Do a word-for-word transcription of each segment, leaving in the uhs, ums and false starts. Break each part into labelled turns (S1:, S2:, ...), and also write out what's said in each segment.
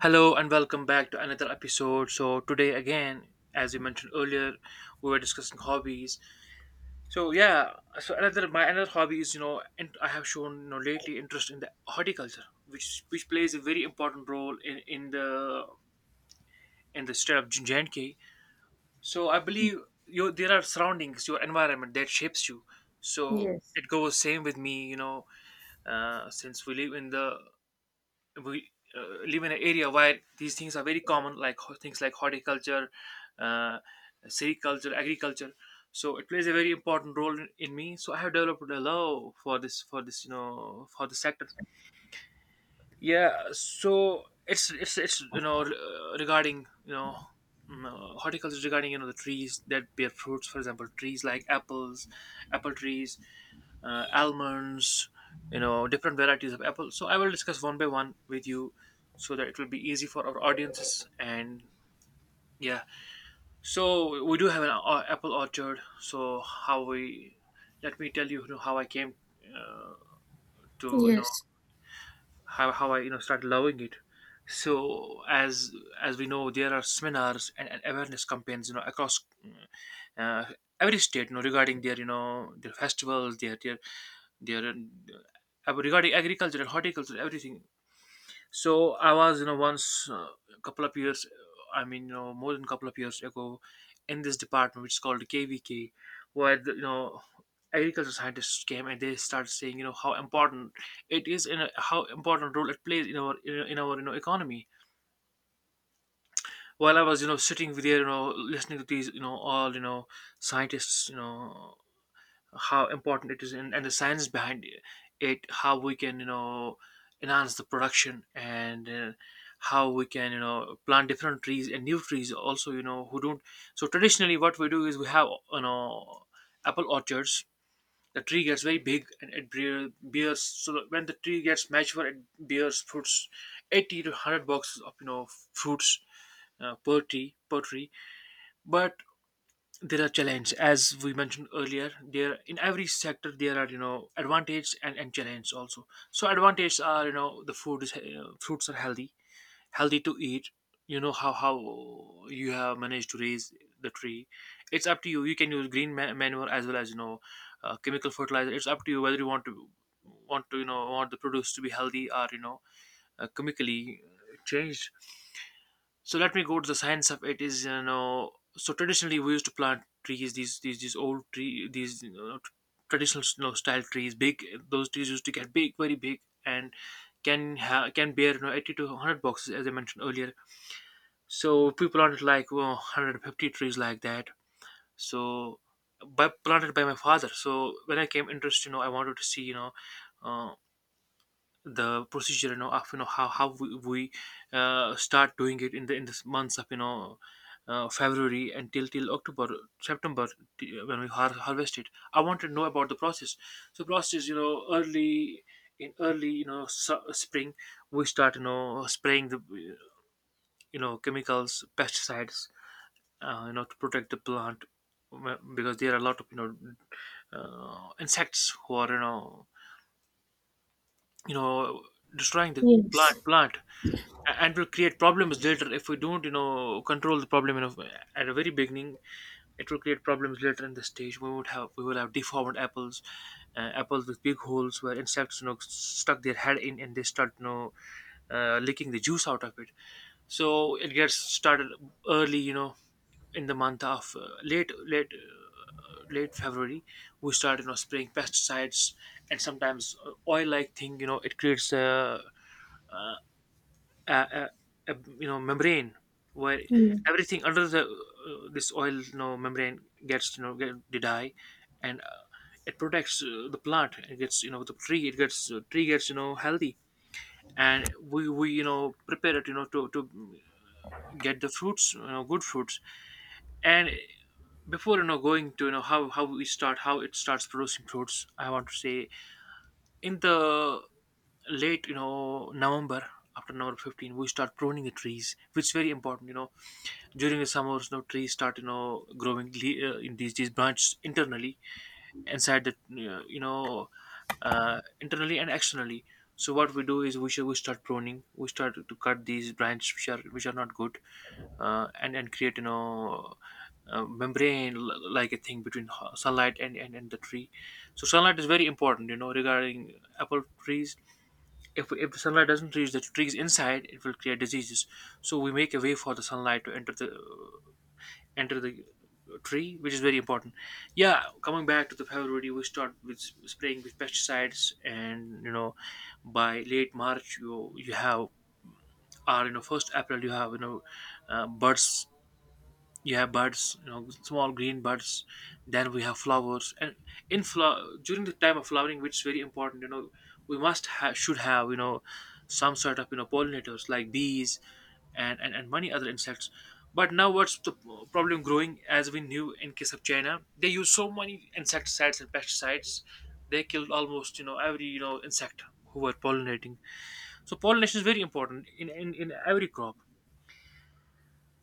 S1: Hello and welcome back to another episode. So today again, as we mentioned earlier, we were discussing hobbies. So yeah, so another my another hobby is, you know and I have shown, you know lately, interest in the horticulture, which which plays a very important role in in the in the state of Jinjanke. So I believe you there are surroundings, your environment that shapes you. So
S2: Yes.
S1: it goes same with me, you know, uh, since we live in the, we uh, live in an area where these things are very common, like, ho- things like horticulture, uh, sericulture, agriculture. So it plays a very important role in, in me. So I have developed a love for this, for this, you know, for the sector. Yeah. So it's it's it's you know uh, regarding, you know mm, uh, horticulture is regarding, you know the trees that bear fruits, for example, trees like apples, apple trees, uh, almonds, you know, different varieties of apple. So I will discuss one by one with you so that it will be easy for our audiences. And yeah, so we do have an uh, apple orchard. So how we, let me tell you, you know, how I came uh, to, you know,
S2: Yes.
S1: how, how I, you know, started loving it. So as as we know, there are seminars and, and awareness campaigns, you know, across uh, every state, you know, regarding their, you know, their festivals, their their there and uh, regarding agriculture and horticulture everything. So I was, you know once, uh, a couple of years uh, I mean, you know, more than a couple of years ago, in this department which is called KVK, where the, you know, agriculture scientists came, and they started saying, you know, how important it is, and uh, how important role it plays in our in, our- in our, you know, economy. While I was, you know, sitting there, you know, listening to these, you know, all, you know, scientists, you know, how important it is, in, and the science behind it, how we can, you know, enhance the production, and uh, how we can, you know, plant different trees and new trees also, you know, who don't. So traditionally what we do is we have, you know, apple orchards. The tree gets very big and it bear- bears, so that when the tree gets mature it bears fruits, eighty to one hundred boxes of, you know, fruits, uh, per tree, per tree but there are challenges. As we mentioned earlier, there in every sector there are, you know, advantages and, and challenges also. So advantages are, you know, the food is, he- uh, fruits are healthy, healthy to eat. You know how, how you have managed to raise the tree. It's up to you. You can use green ma- manure as well as, you know, uh, chemical fertilizer. It's up to you whether you want to, want to you know, want the produce to be healthy, or, you know, uh, chemically uh, changed. So let me go to the science of it. Is, you know, so traditionally we used to plant trees. These these these old tree these, you know, tr- traditional, you know, style trees. Big, those trees used to get big, very big, and can ha- can bear, you know, eighty to one hundred boxes as I mentioned earlier. So we planted like, well, one hundred and fifty trees like that. So by, planted by my father. So when I came interested, you know, I wanted to see, you know. Uh, the procedure, you know, of, you know, how how we, we uh, start doing it in the, in this months of, you know, uh, February, until till October, September, t- when we har- harvest it. I want to know about the process. So process, you know, early, in early, you know, su- spring, we start, you know, spraying the, you know, chemicals, pesticides, uh, you know, to protect the plant, wh- because there are a lot of, you know, uh, insects who are, you know, you know, destroying the plant
S2: Yes.
S1: plant a- and will create problems later if we don't, you know, control the problem. You know, at a very beginning, it will create problems later in the stage. We would have, we will have deformed apples, uh, apples with big holes where insects, you know, stuck their head in and they start, you know, uh, licking the juice out of it. So it gets started early, you know, in the month of uh, late late uh, late February. We start, you know, spraying pesticides. And sometimes oil like thing. You know, it creates a, a, a, a, you know, membrane where
S2: Yes.
S1: everything under the, uh, this oil, you know, membrane gets, you know, get, they die, and uh, it protects, uh, the plant. It gets, you know, the tree. It gets, uh, tree gets, you know, healthy, and we we you know, prepare it, you know, to to get the fruits, you know, good fruits. And before, you know, going to, you know, how, how we start, how it starts producing fruits, I want to say, in the late, you know, November, after November fifteenth we start pruning the trees, which is very important. You know, during the summers, no, trees start, you know, growing, le- uh, in these, these branches internally, inside the, uh, you know, uh, internally and externally. So what we do is, we should, we start pruning, we start to cut these branches which are, which are not good, uh, and and create, you know, uh, membrane l- like a thing between h- sunlight and, and and the tree. So sunlight is very important, you know, regarding apple trees. If, if the sunlight doesn't reach the trees inside, it will create diseases. So we make a way for the sunlight to enter the, enter the tree, which is very important. Yeah, coming back to the February, we start with s- spraying with pesticides, and, you know, by late March you, you have, or, you know, first April you have, you know, uh, birds. You have birds, you know, small green birds. Then we have flowers, and in flower, during the time of flowering, which is very important, you know, we must, ha- should have, you know, some sort of, you know, pollinators like bees, and, and and many other insects. But now, what's the p- problem growing? As we knew, in case of China they use so many insecticides and pesticides. They killed almost, you know, every, you know, insect who were pollinating. So pollination is very important in in, in every crop.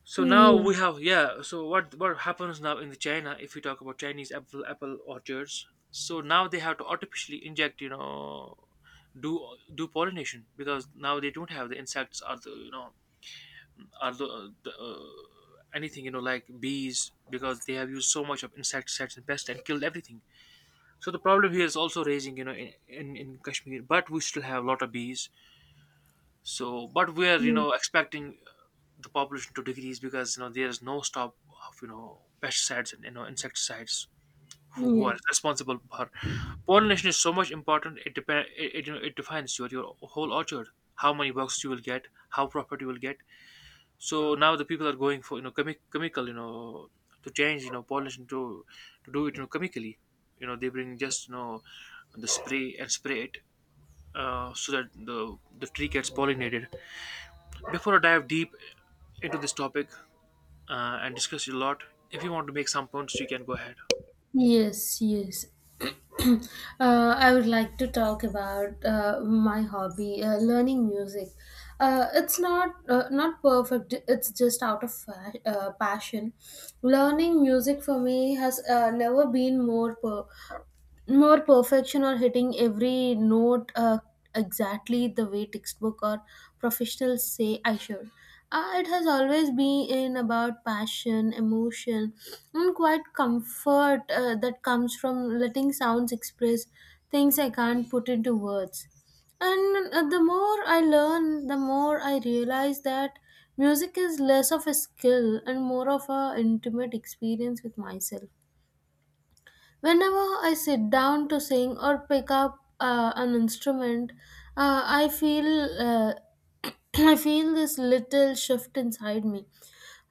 S1: So now
S2: Yes.
S1: we have, yeah. So what, what happens now in the China, if we talk about Chinese apple apple orchards? So now they have to artificially inject, you know, do do pollination, because now they don't have the insects, or the, you know, or the, the uh, anything, you know, like bees, because they have used so much of insecticides and pests and killed everything. So the problem here is also raising, you know, in in, in Kashmir, but we still have a lot of bees. So but we are, you
S2: Yes.
S1: know, expecting the population to decrease, because, you know, there is no stop of, you know, pesticides and, you know, insecticides who, who are responsible for pollination. Is so much important. It depend, it, it, you know, it defines your, your whole orchard, how many bugs you will get, how profit you will get. So now the people are going for, you know, chemi- chemical, you know, to change, you know, pollination, to to do it, you know, chemically. You know, they bring just, you know, the spray and spray it, uh, so that the, the tree gets pollinated. Before I dive deep into this topic, uh, and discuss a lot, if you want to make some points, you can go ahead.
S2: Yes. Yes. Yes. Uh, I would like to talk about uh, my hobby, uh, learning music. Uh, it's not uh, not perfect. It's just out of fa- uh, passion. Learning music for me has uh, never been more per- more perfection or hitting every note uh, exactly the way textbook or professionals say I should. Uh, it has always been about passion, emotion, and quite comfort uh, that comes from letting sounds express things I can't put into words. And uh, The more I learn, the more I realize that music is less of a skill and more of a intimate experience with myself. Whenever I sit down to sing or pick up uh, an instrument, uh, I feel uh, I feel this little shift inside me,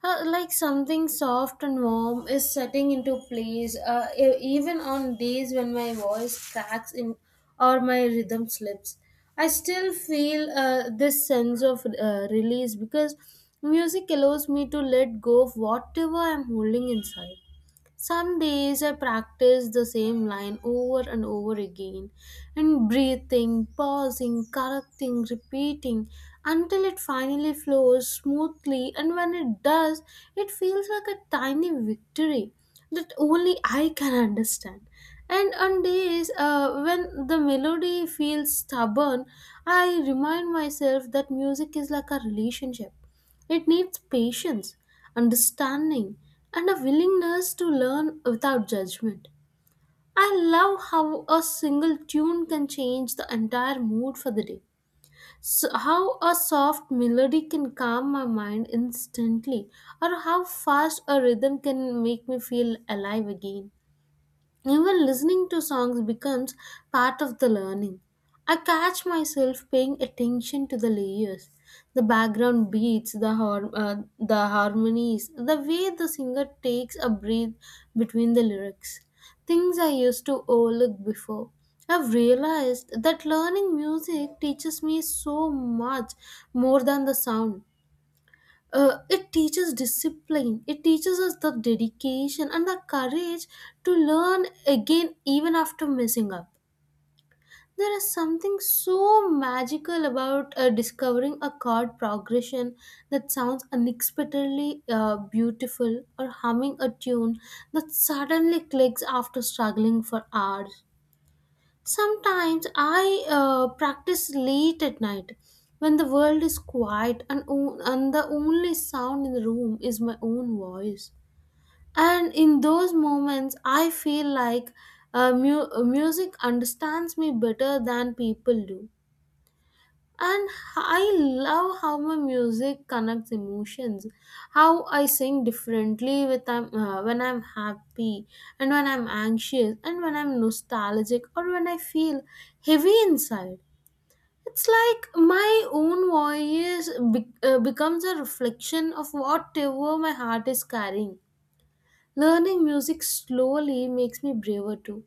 S2: uh, like something soft and warm is setting into place. Uh, e- even on days when my voice cracks in or my rhythm slips, I still feel uh, this sense of uh, release because music allows me to let go of whatever I'm holding inside. Some days I practice the same line over and over again and breathing, pausing, correcting, repeating until it finally flows smoothly. And when it does, it feels like a tiny victory that only I can understand. And on days uh, when the melody feels stubborn, I remind myself that music is like a relationship it needs patience, understanding, and a willingness to learn without judgment. I love how a single tune can change the entire mood for the day. So how a soft melody can calm my mind instantly, or how fast a rhythm can make me feel alive again. Even listening to songs becomes part of the learning. I catch myself paying attention to the layers, the background beats, the, har- uh, the harmonies, the way the singer takes a breath between the lyrics. Things I used to overlook before. I've realized that learning music teaches me so much more than the sound. Uh, it teaches discipline. It teaches us the dedication and the courage to learn again even after messing up. There is something so magical about uh, discovering a chord progression that sounds unexpectedly uh, beautiful, or humming a tune that suddenly clicks after struggling for hours. Sometimes I uh, practice late at night when the world is quiet and, o- and the only sound in the room is my own voice. And in those moments, I feel like uh, mu- uh, music understands me better than people do. And I love how my music connects emotions. How I sing differently with I'm, uh, when I'm happy and when I'm anxious and when I'm nostalgic or when I feel heavy inside. It's like my own voice be- uh, becomes a reflection of whatever my heart is carrying. Learning music slowly makes me braver too,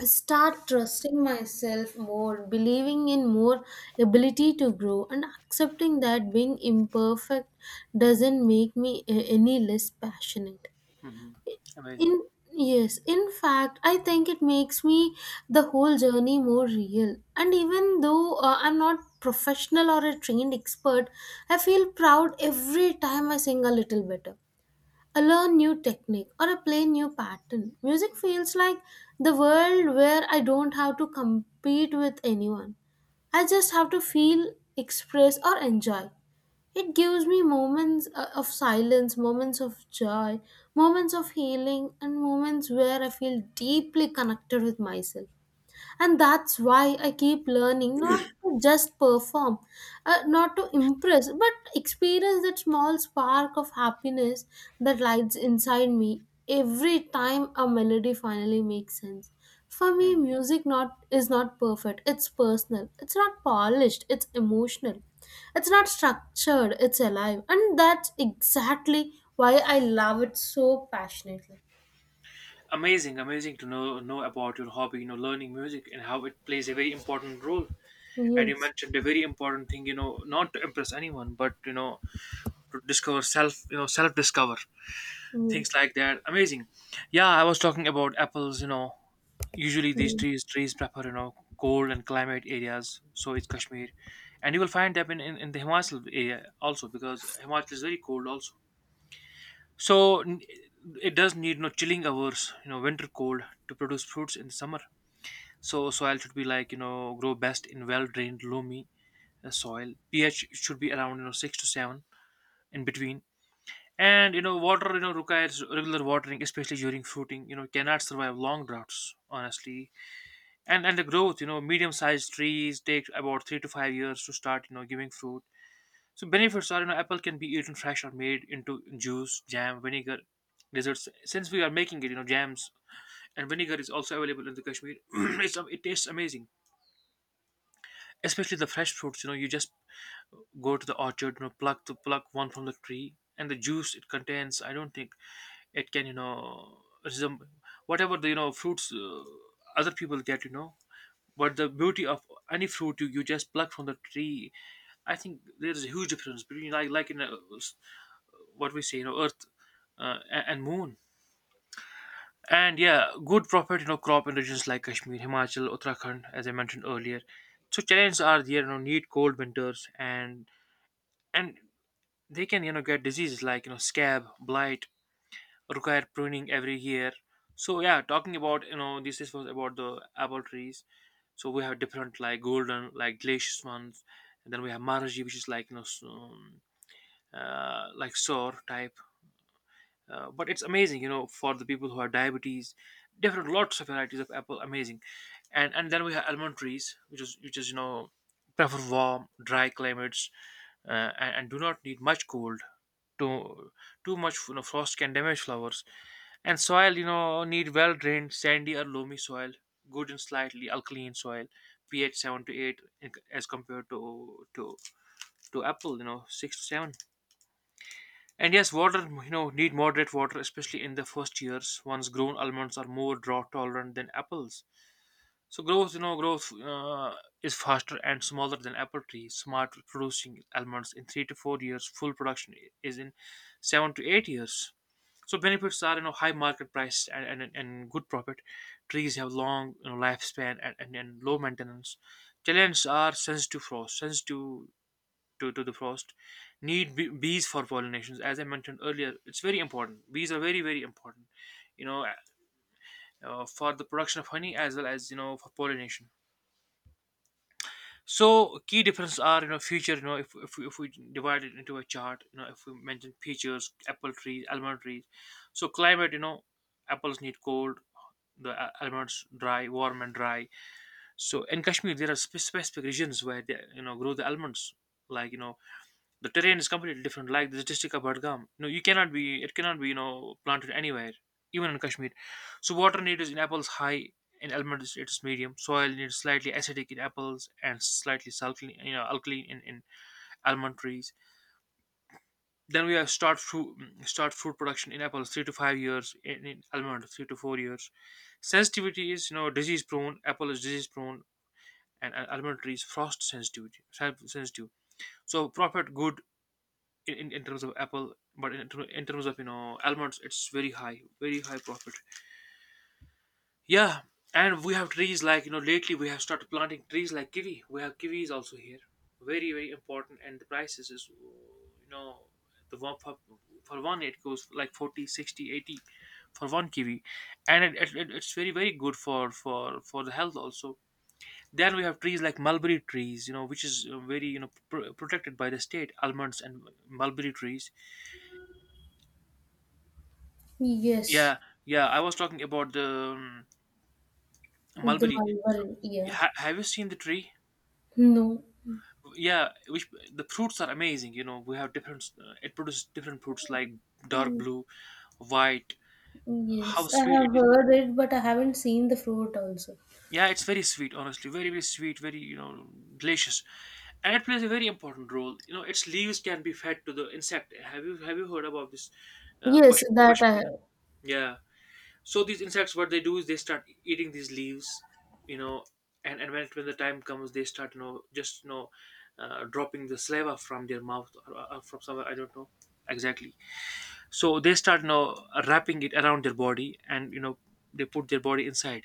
S2: start trusting myself more, believing in more ability to grow, and accepting that being imperfect doesn't make me a- any less passionate.
S1: Hmm. Amazing.
S2: In Yes, in fact, I think it makes me the whole journey more real. And even though uh, I'm not professional or a trained expert, I feel proud every time I sing a little better, a learn new technique or a play new pattern. Music feels like the world where I don't have to compete with anyone. I just have to feel, express, or enjoy. It gives me moments uh, of silence, moments of joy, moments of healing, and moments where I feel deeply connected with myself. And that's why I keep learning, not to just perform, uh, not to impress, but experience that small spark of happiness that lights inside me every time a melody finally makes sense. For me,
S1: Mm.
S2: music not is not perfect, it's personal. It's not polished, it's emotional. It's not structured, it's alive, and that's exactly why I love it so passionately.
S1: Amazing, amazing to know know about your hobby, you know, learning music, and how it plays a very important role. And you
S2: yes
S1: mentioned a very important thing, you know, not to impress anyone, but, you know, to discover self, you know, self discover things
S2: yes
S1: like that. Amazing. Yeah, I was talking about apples. You know, usually these
S2: yes,
S1: trees trees prefer, you know, cold and climate areas. So it's Kashmir, and you will find them in in, in the Himachal area also, because Himachal is very cold also. So n- it does need no chilling hours, you know, winter cold, to produce fruits in the summer. So soil should be like, you know, grow best in well-drained loamy uh, soil. pH should be around, you know, six to seven in between. And, you know, water, you know, requires regular watering, especially during fruiting. You know, cannot survive long droughts, honestly. And and the growth, you know, medium-sized trees take about three to five years to start, you know, giving fruit. So benefits are, you know, apple can be eaten fresh or made into juice, jam, vinegar, desserts. Since we are making it, you know, jams and vinegar is also available in the Kashmir. it's um, it tastes amazing, especially the fresh fruits. You know, you just go to the orchard, you know, pluck to pluck one from the tree, and the juice it contains. I don't think it can, you know, resemble whatever the you know fruits uh, other people get, you know. But the beauty of any fruit you, you just pluck from the tree. I think there is a huge difference between like like in a, what we say, you know, Earth uh, a- and Moon. And yeah, good profit, you know, crop in regions like Kashmir, Himachal, Uttarakhand, as I mentioned earlier. So challenges are there, you know, need cold winters and and they can, you know, get diseases like, you know, scab, blight, require pruning every year. So yeah, talking about, you know, this this was about the apple trees. So we have different like golden, like delicious ones, and then we have Maharaji, which is like you know, s- um, uh, like sour type. Uh, but it's amazing, you know, for the people who have diabetes, different lots of varieties of apple, amazing. And and then we have almond trees, which is which is you know prefer warm, dry climates, uh, and, and do not need much cold. Too too much you know, frost can damage flowers. And soil, you know, need well drained, sandy or loamy soil, good and slightly alkaline soil, pH seven to eight in- as compared to to to apple, you know, six to seven. And yes, water, you know, need moderate water, especially in the first years. Once grown, almonds are more drought tolerant than apples. So growth, you know, growth uh, is faster and smaller than apple trees. Smart producing almonds in three to four years. Full production i- is in seven to eight years. So benefits are, you know, high market price and, and, and good profit. Trees have long you know, lifespan and, and, and low maintenance. Challenges are sensitive frost, sensitive to, to the frost, need bee- bees for pollinations. As I mentioned earlier, it's very important. Bees are very very important, you know, uh, uh, for the production of honey as well as you know for pollination. So key differences are, you know, future, you know, if, if, we, if we divide it into a chart, you know, if we mention features: apple trees, almond trees. So climate, you know, apples need cold, the al- almonds dry, warm and dry. So in Kashmir there are spe- specific regions where they you know grow the almonds, like you know. The terrain is completely different. Like this district of Badgam, no, you cannot be. It cannot be, you know, planted anywhere, even in Kashmir. So water need is in apples high. In almond is- it is medium. Soil needs slightly acidic in apples and slightly alkaline, you know, alkaline in, in almond trees. Then we have start fruit start fruit production in apples three to five years, in, in almond three to four years. Sensitivity is you know disease prone. Apple is disease prone and al- almond tree is frost sensitivity sensitive. So profit good in, in, in terms of apple, but in, in terms of you know almonds it's very high, very high profit. Yeah, and we have trees like you know lately we have started planting trees like kiwi. We have kiwis also here, very very important. And the prices is, you know, the one for, for one it goes like forty, sixty, eighty, for one kiwi. And it, it, it- it's very very good for for for the health also. Then we have trees like mulberry trees, you know, which is uh, very you know pr- protected by the state, almonds and mulberry trees.
S2: yes.
S1: Yeah, yeah. I was talking about the um,
S2: The
S1: mulberry. So,
S2: Malvar, yeah.
S1: ha have you seen the tree?
S2: No.
S1: Yeah, which the fruits are amazing. You know, we have different. Uh, it produces different fruits like dark
S2: Mm.
S1: blue, white. How
S2: Yes, I
S1: sweet
S2: have
S1: it is!
S2: heard it, but I haven't seen the fruit also.
S1: Yeah, it's very sweet. Honestly, very very sweet. Very you know delicious, and it plays a very important role. You know, its leaves can be fed to the insect. Have you have you heard about this? Uh,
S2: Yes,
S1: pash-
S2: that I have.
S1: pashmina. Yeah. So these insects, what they do is they start eating these leaves, you know, and, and when, when the time comes they start you know just you know uh, dropping the saliva from their mouth or, uh, from somewhere I don't know exactly. So they start you know wrapping it around their body, and you know they put their body inside.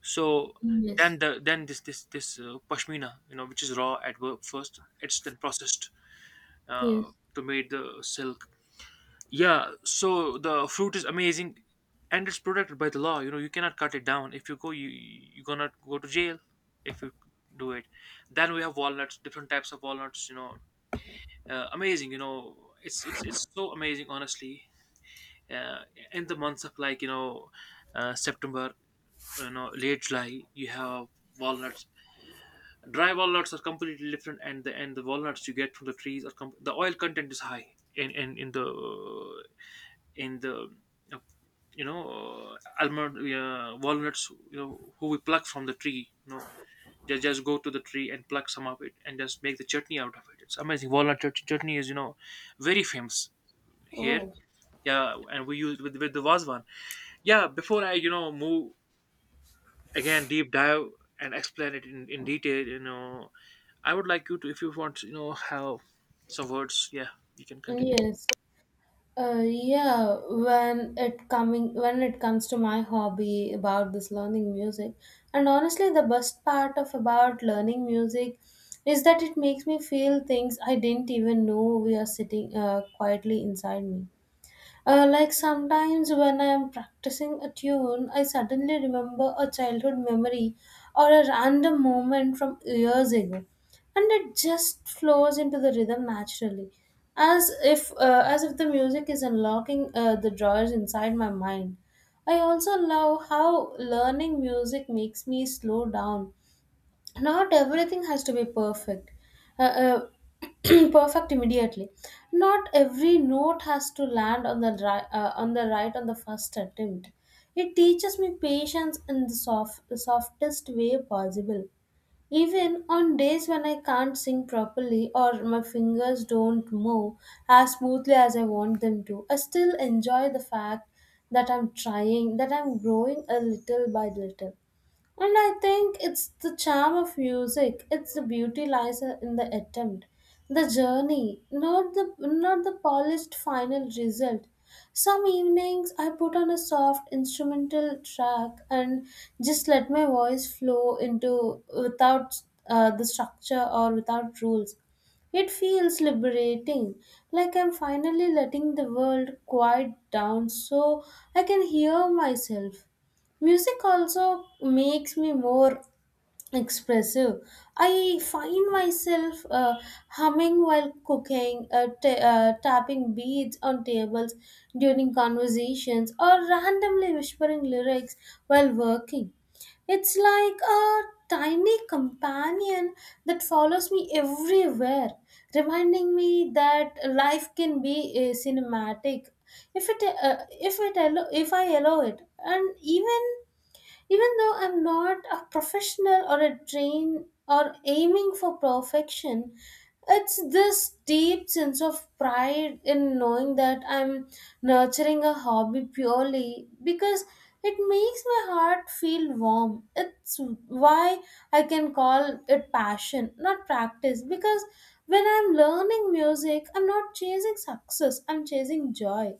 S1: So
S2: Yes,
S1: then the then this this this uh, pashmina, you know, which is raw at work first, it's then processed, uh,
S2: yes.
S1: to make the silk. Yeah, so the fruit is amazing, and it's protected by the law. You know, you cannot cut it down. If you go, you you're gonna go to jail if you do it. Then we have walnuts, different types of walnuts. You know, uh, amazing. You know, it's it's it's so amazing, honestly. Uh, in the months of like you know, uh, September, you know, late July, you have walnuts. Dry walnuts are completely different, and the and the walnuts you get from the trees are com- the oil content is high in in in the in the uh, you know uh, almond uh, walnuts you know who we pluck from the tree, you know. Just just go to the tree and pluck some of it and just make the chutney out of it. It's amazing, walnut chut- chutney is you know very famous here.
S2: Oh,
S1: Yeah, and we use with, with the wasvan. Yeah, before I you know move, again deep dive and explain it in, in detail, you know, I would like you to, if you want, you know, have some words. Yeah, you can continue.
S2: yes. Uh, yeah, when it coming when it comes to my hobby about this learning music, and honestly, the best part of about learning music is that it makes me feel things I didn't even know we are sitting uh, quietly inside me. Uh, like sometimes when I am practicing a tune, I suddenly remember a childhood memory or a random moment from years ago, and it just flows into the rhythm naturally, as if uh, as if the music is unlocking uh, the drawers inside my mind. I also love how learning music makes me slow down, not everything has to be perfect, uh, uh, perfect immediately. Not every note has to land on the right uh, on the right on the first attempt. It teaches me patience in the soft, softest way possible. Even on days when I can't sing properly or my fingers don't move as smoothly as I want them to, I still enjoy the fact that I'm trying, that I'm growing a little by little, and I think it's the charm of music. It's the beauty lies in the attempt, the journey, not the not the polished final result. Some evenings I put on a soft instrumental track and just let my voice flow into without uh, the structure or without rules. It feels liberating, like I'm finally letting the world quiet down so I can hear myself. Music also makes me more expressive. I find myself uh, humming while cooking, uh, ta uh, tapping beats on tables during conversations, or randomly whispering lyrics while working. It's like a tiny companion that follows me everywhere, reminding me that life can be uh, cinematic if it uh, if it allo- if I allow it. And even Even though I'm not a professional or a train or aiming for perfection, it's this deep sense of pride in knowing that I'm nurturing a hobby purely because it makes my heart feel warm. It's why I can call it passion, not practice, because when I'm learning music, I'm not chasing success, I'm chasing joy.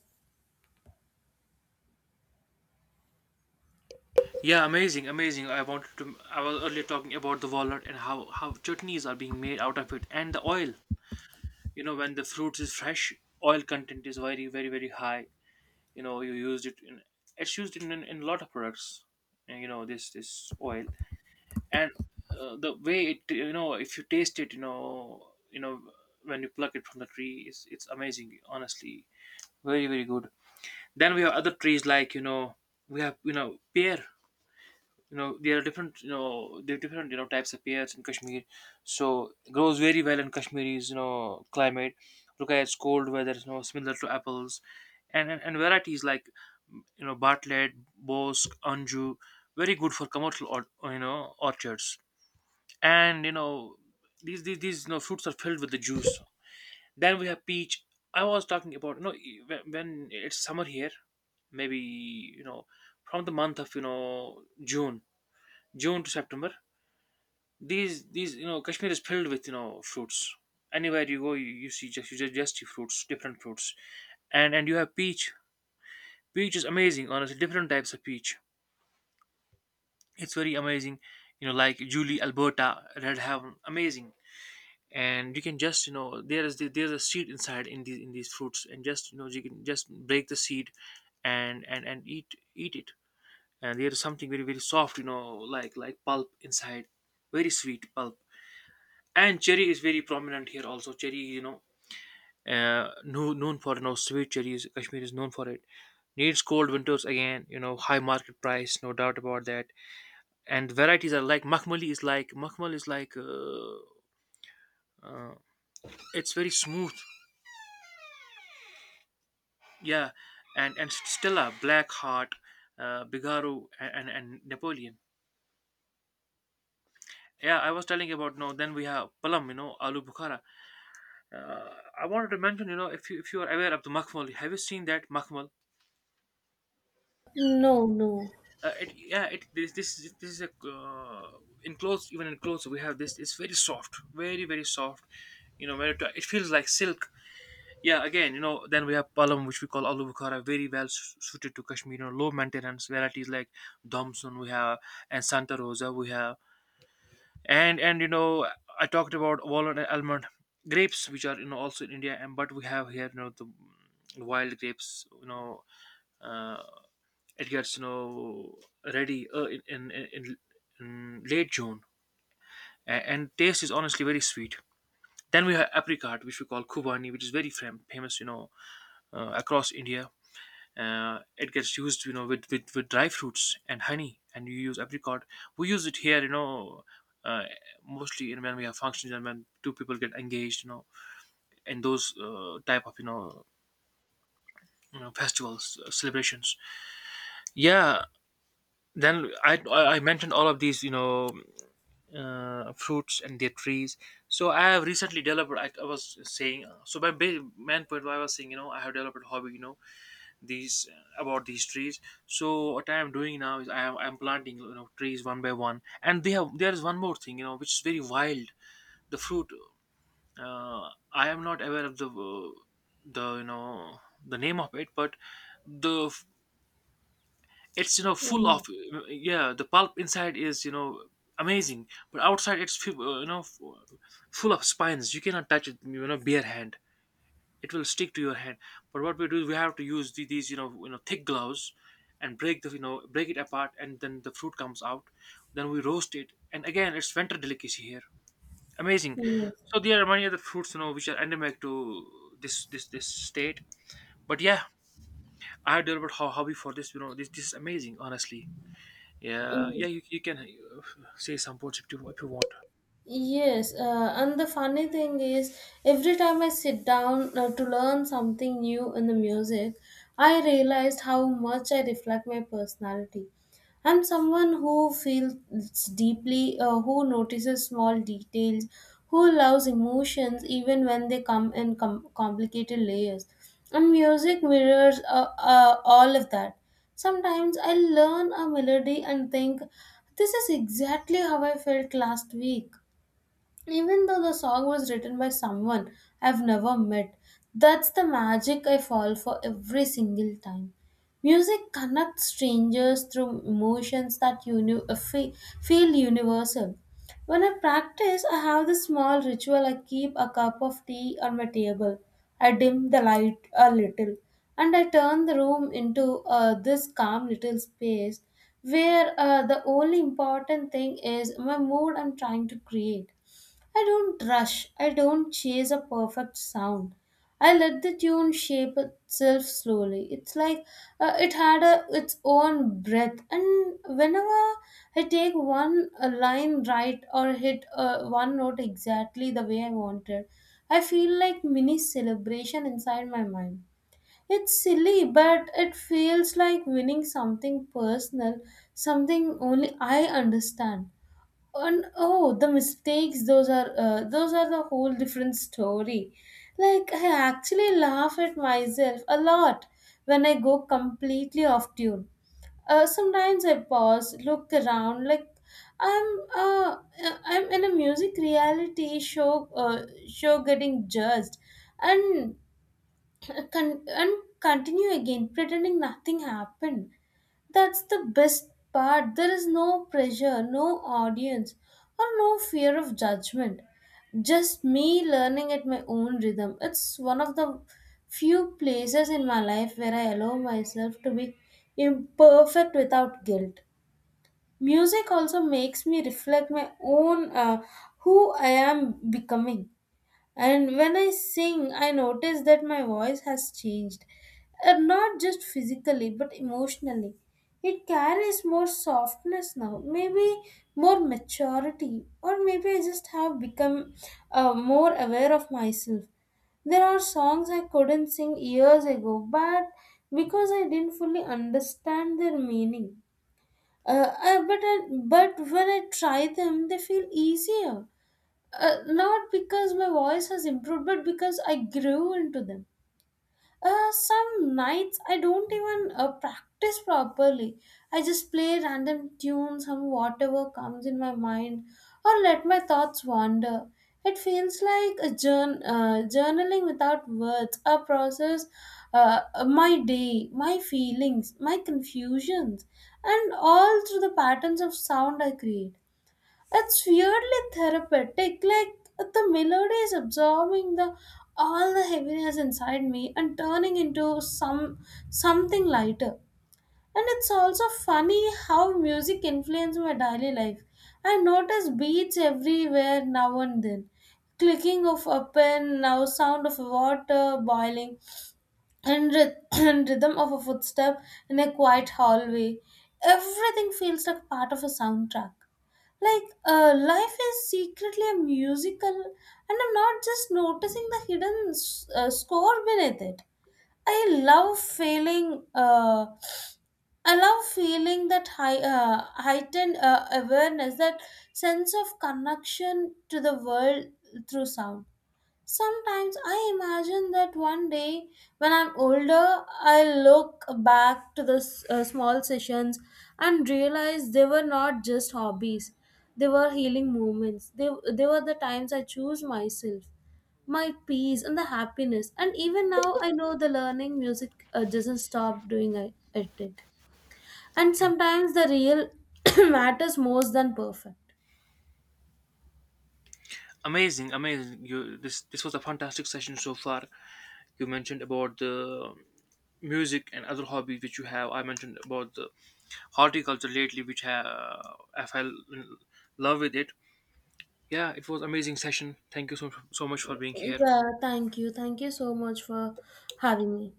S1: Yeah, amazing, amazing. I wanted to. I was earlier talking about the walnut and how how chutneys are being made out of it, and the oil. You know, when the fruits is fresh, oil content is very, very, very high. You know, you used it. In, it's used in in, in a lot of products. And, you know, this this oil and uh, the way it. You know, if you taste it, you know, you know when you pluck it from the tree, it's it's amazing. Honestly, very, very good. Then we have other trees like you know we have you know pear. You know there are different you know there are different you know types of pears in Kashmir. So it grows very well in Kashmiri's you know climate. Look at its cold weather, you know, similar to apples. And and, and varieties like, you know, Bartlett, Bosk, Anju, very good for commercial or you know orchards. And you know these these, these you know fruits are filled with the juice. Then we have peach. I was talking about you know e- when when it's summer here, maybe, you know, from the month of you know June, June to September. These these you know Kashmir is filled with you know fruits. Anywhere you go you, you see just you just, just see fruits, different fruits. and and you have peach. Peach is amazing, honestly, different types of peach. It's very amazing, you know, like Julie, Alberta, Red Heaven, amazing. And you can just you know there is the, there's a seed inside in these in these fruits, and just you know you can just break the seed and and and eat eat it. And there is something very very soft, you know, like like pulp inside, very sweet pulp. And cherry is very prominent here also. Cherry, you know, uh, kno- known for you know sweet cherries. Kashmir is known for it. Needs cold winters again, you know, high market price, no doubt about that. And varieties are like Makhmali is like Makhmal is like uh, uh, it's very smooth. Yeah. and and Stella, Black Heart, uh, Bigaro, and, and and Napoleon. Yeah, I was telling about, no, then we have Palam, you know, Aloo Bukhara. Uh, I wanted to mention, you know, if you, if you are aware of the Makhmali, have you seen that Makhmal?
S2: No, no.
S1: Uh, it, yeah, it this this is- this is a uh, enclosed, even enclosed we have this, it's very soft, very very soft. You know when it, it feels like silk. Yeah, again, you know, then we have Palam, which we call Aloo Bukhara, very well su- suited to Kashmir, you know, low maintenance. Varieties like Damson we have, and Santa Rosa we have. and and you know I talked about walnut and almond. Grapes, which are you know also in India, and but we have here you know the wild grapes. You know, uh, it gets you know ready uh, in, in in in late June. A- and taste is honestly very sweet. Then we have apricot, which we call Khubani, which is very fam- famous, you know, uh, across India. Uh, it gets used, you know, with, with, with dry fruits and honey, and you use apricot. We use it here, you know, uh, mostly in when we have functions, and when two people get engaged, you know, in those uh, type of, you know, you know festivals, uh, celebrations. Yeah, then I I I mentioned all of these, you know, uh, fruits and their trees. So I have recently developed. I, I was saying uh, so my ba- main point why I was saying, you know, I have developed a hobby, you know, these uh, about these trees. So what I am doing now is I am I'm planting you know trees one by one. And they have, there is one more thing you know which is very wild. The fruit, uh, I am not aware of the uh, the you know the name of it, but the, it's you know full
S2: Mm,
S1: of uh, yeah the pulp inside is you know amazing. But outside it's fu- uh, you know f- full of spines. You cannot touch it, you know, bare hand. It will stick to your hand. But what we do, we have to use the- these you know, you know thick gloves, and break the you know break it apart, and then the fruit comes out. Then we roast it, and again it's winter delicacy here, amazing.
S2: mm,
S1: So there are many other fruits you know which are endemic to this this this state. But yeah, I have developed ho- hobby for this, you know, this this is amazing, honestly. Yeah,
S2: mm.
S1: yeah, you, you can uh, say some words if you, if you want.
S2: Yes, uh, and the funny thing is, every time I sit down uh, to learn something new in the music, I realized how much I reflect my personality. I'm someone who feels deeply, uh, who notices small details, who loves emotions even when they come in com- complicated layers. And music mirrors uh, uh, all of that. Sometimes I learn a melody and think, this is exactly how I felt last week, even though the song was written by someone I've never met. That's the magic I fall for every single time. Music connects strangers through emotions that uni- uh, fe- feel universal. When I practice, I have this small ritual. I keep a cup of tea on my table. I dim the light a little and I turn the room into uh, this calm little space where uh, the only important thing is my mood I'm trying to create. I don't rush, I don't chase a perfect sound. I let the tune shape itself slowly. It's like uh, it had a, its own breath, and whenever I take one uh, line right or hit uh, one note exactly the way I wanted, I feel like mini celebration inside my mind. It's silly, but it feels like winning something personal, something only I understand. On Oh, the mistakes, those are uh, those are the whole different story. Like, I actually laugh at myself a lot when I go completely off tune. Uh, sometimes I pause, look around like i'm uh, I'm in a music reality show, uh, show getting judged, and con- and continue again, pretending nothing happened. That's the best part. There is no pressure, no audience, or no fear of judgment. Just me learning at my own rhythm. It's one of the few places in my life where I allow myself to be imperfect without guilt. Music also makes me reflect my own, uh, who I am becoming. And when I sing, I notice that my voice has changed, and not just physically but emotionally. It carries more softness now, maybe more maturity, or maybe I just have become uh, more aware of myself. There are songs I couldn't sing years ago, but because I didn't fully understand their meaning. Uh, I, but I, but when I try them, they feel easier. Uh, not because my voice has improved, but because I grew into them. Uh, some nights I don't even uh, practice properly. I just play random tunes and whatever comes in my mind, or let my thoughts wander. It feels like a journ- uh, journaling without words, a process, uh, uh, my day, my feelings, my confusions, and all through the patterns of sound I create. It's weirdly therapeutic, like the melody is absorbing the all the heaviness inside me and turning into some something lighter. And it's also funny how music influences my daily life. I notice beats everywhere now and then. Clicking of a pen, now sound of water boiling, and, ryth- and rhythm of a footstep in a quiet hallway. Everything feels like part of a soundtrack. Like, uh, life is secretly a musical, and I'm not just noticing the hidden s- uh, score beneath it. I love feeling, uh, I love feeling that high, uh, heightened uh, awareness, that sense of connection to the world through sound. Sometimes I imagine that one day when I'm older, I'll look back to the s- uh, small sessions and realize they were not just hobbies. They were healing moments. They, they were the times I chose myself, my peace, and the happiness. And even now, I know the learning music uh, doesn't stop doing it. it. And sometimes the real matters most than perfect.
S1: Amazing, amazing. You This this was a fantastic session so far. You mentioned about the music and other hobbies which you have. I mentioned about the horticulture lately, which have I fell in love with it. Yeah, it was amazing session. Thank you so so much for being here.
S2: Yeah, thank you. Thank you so much for having me.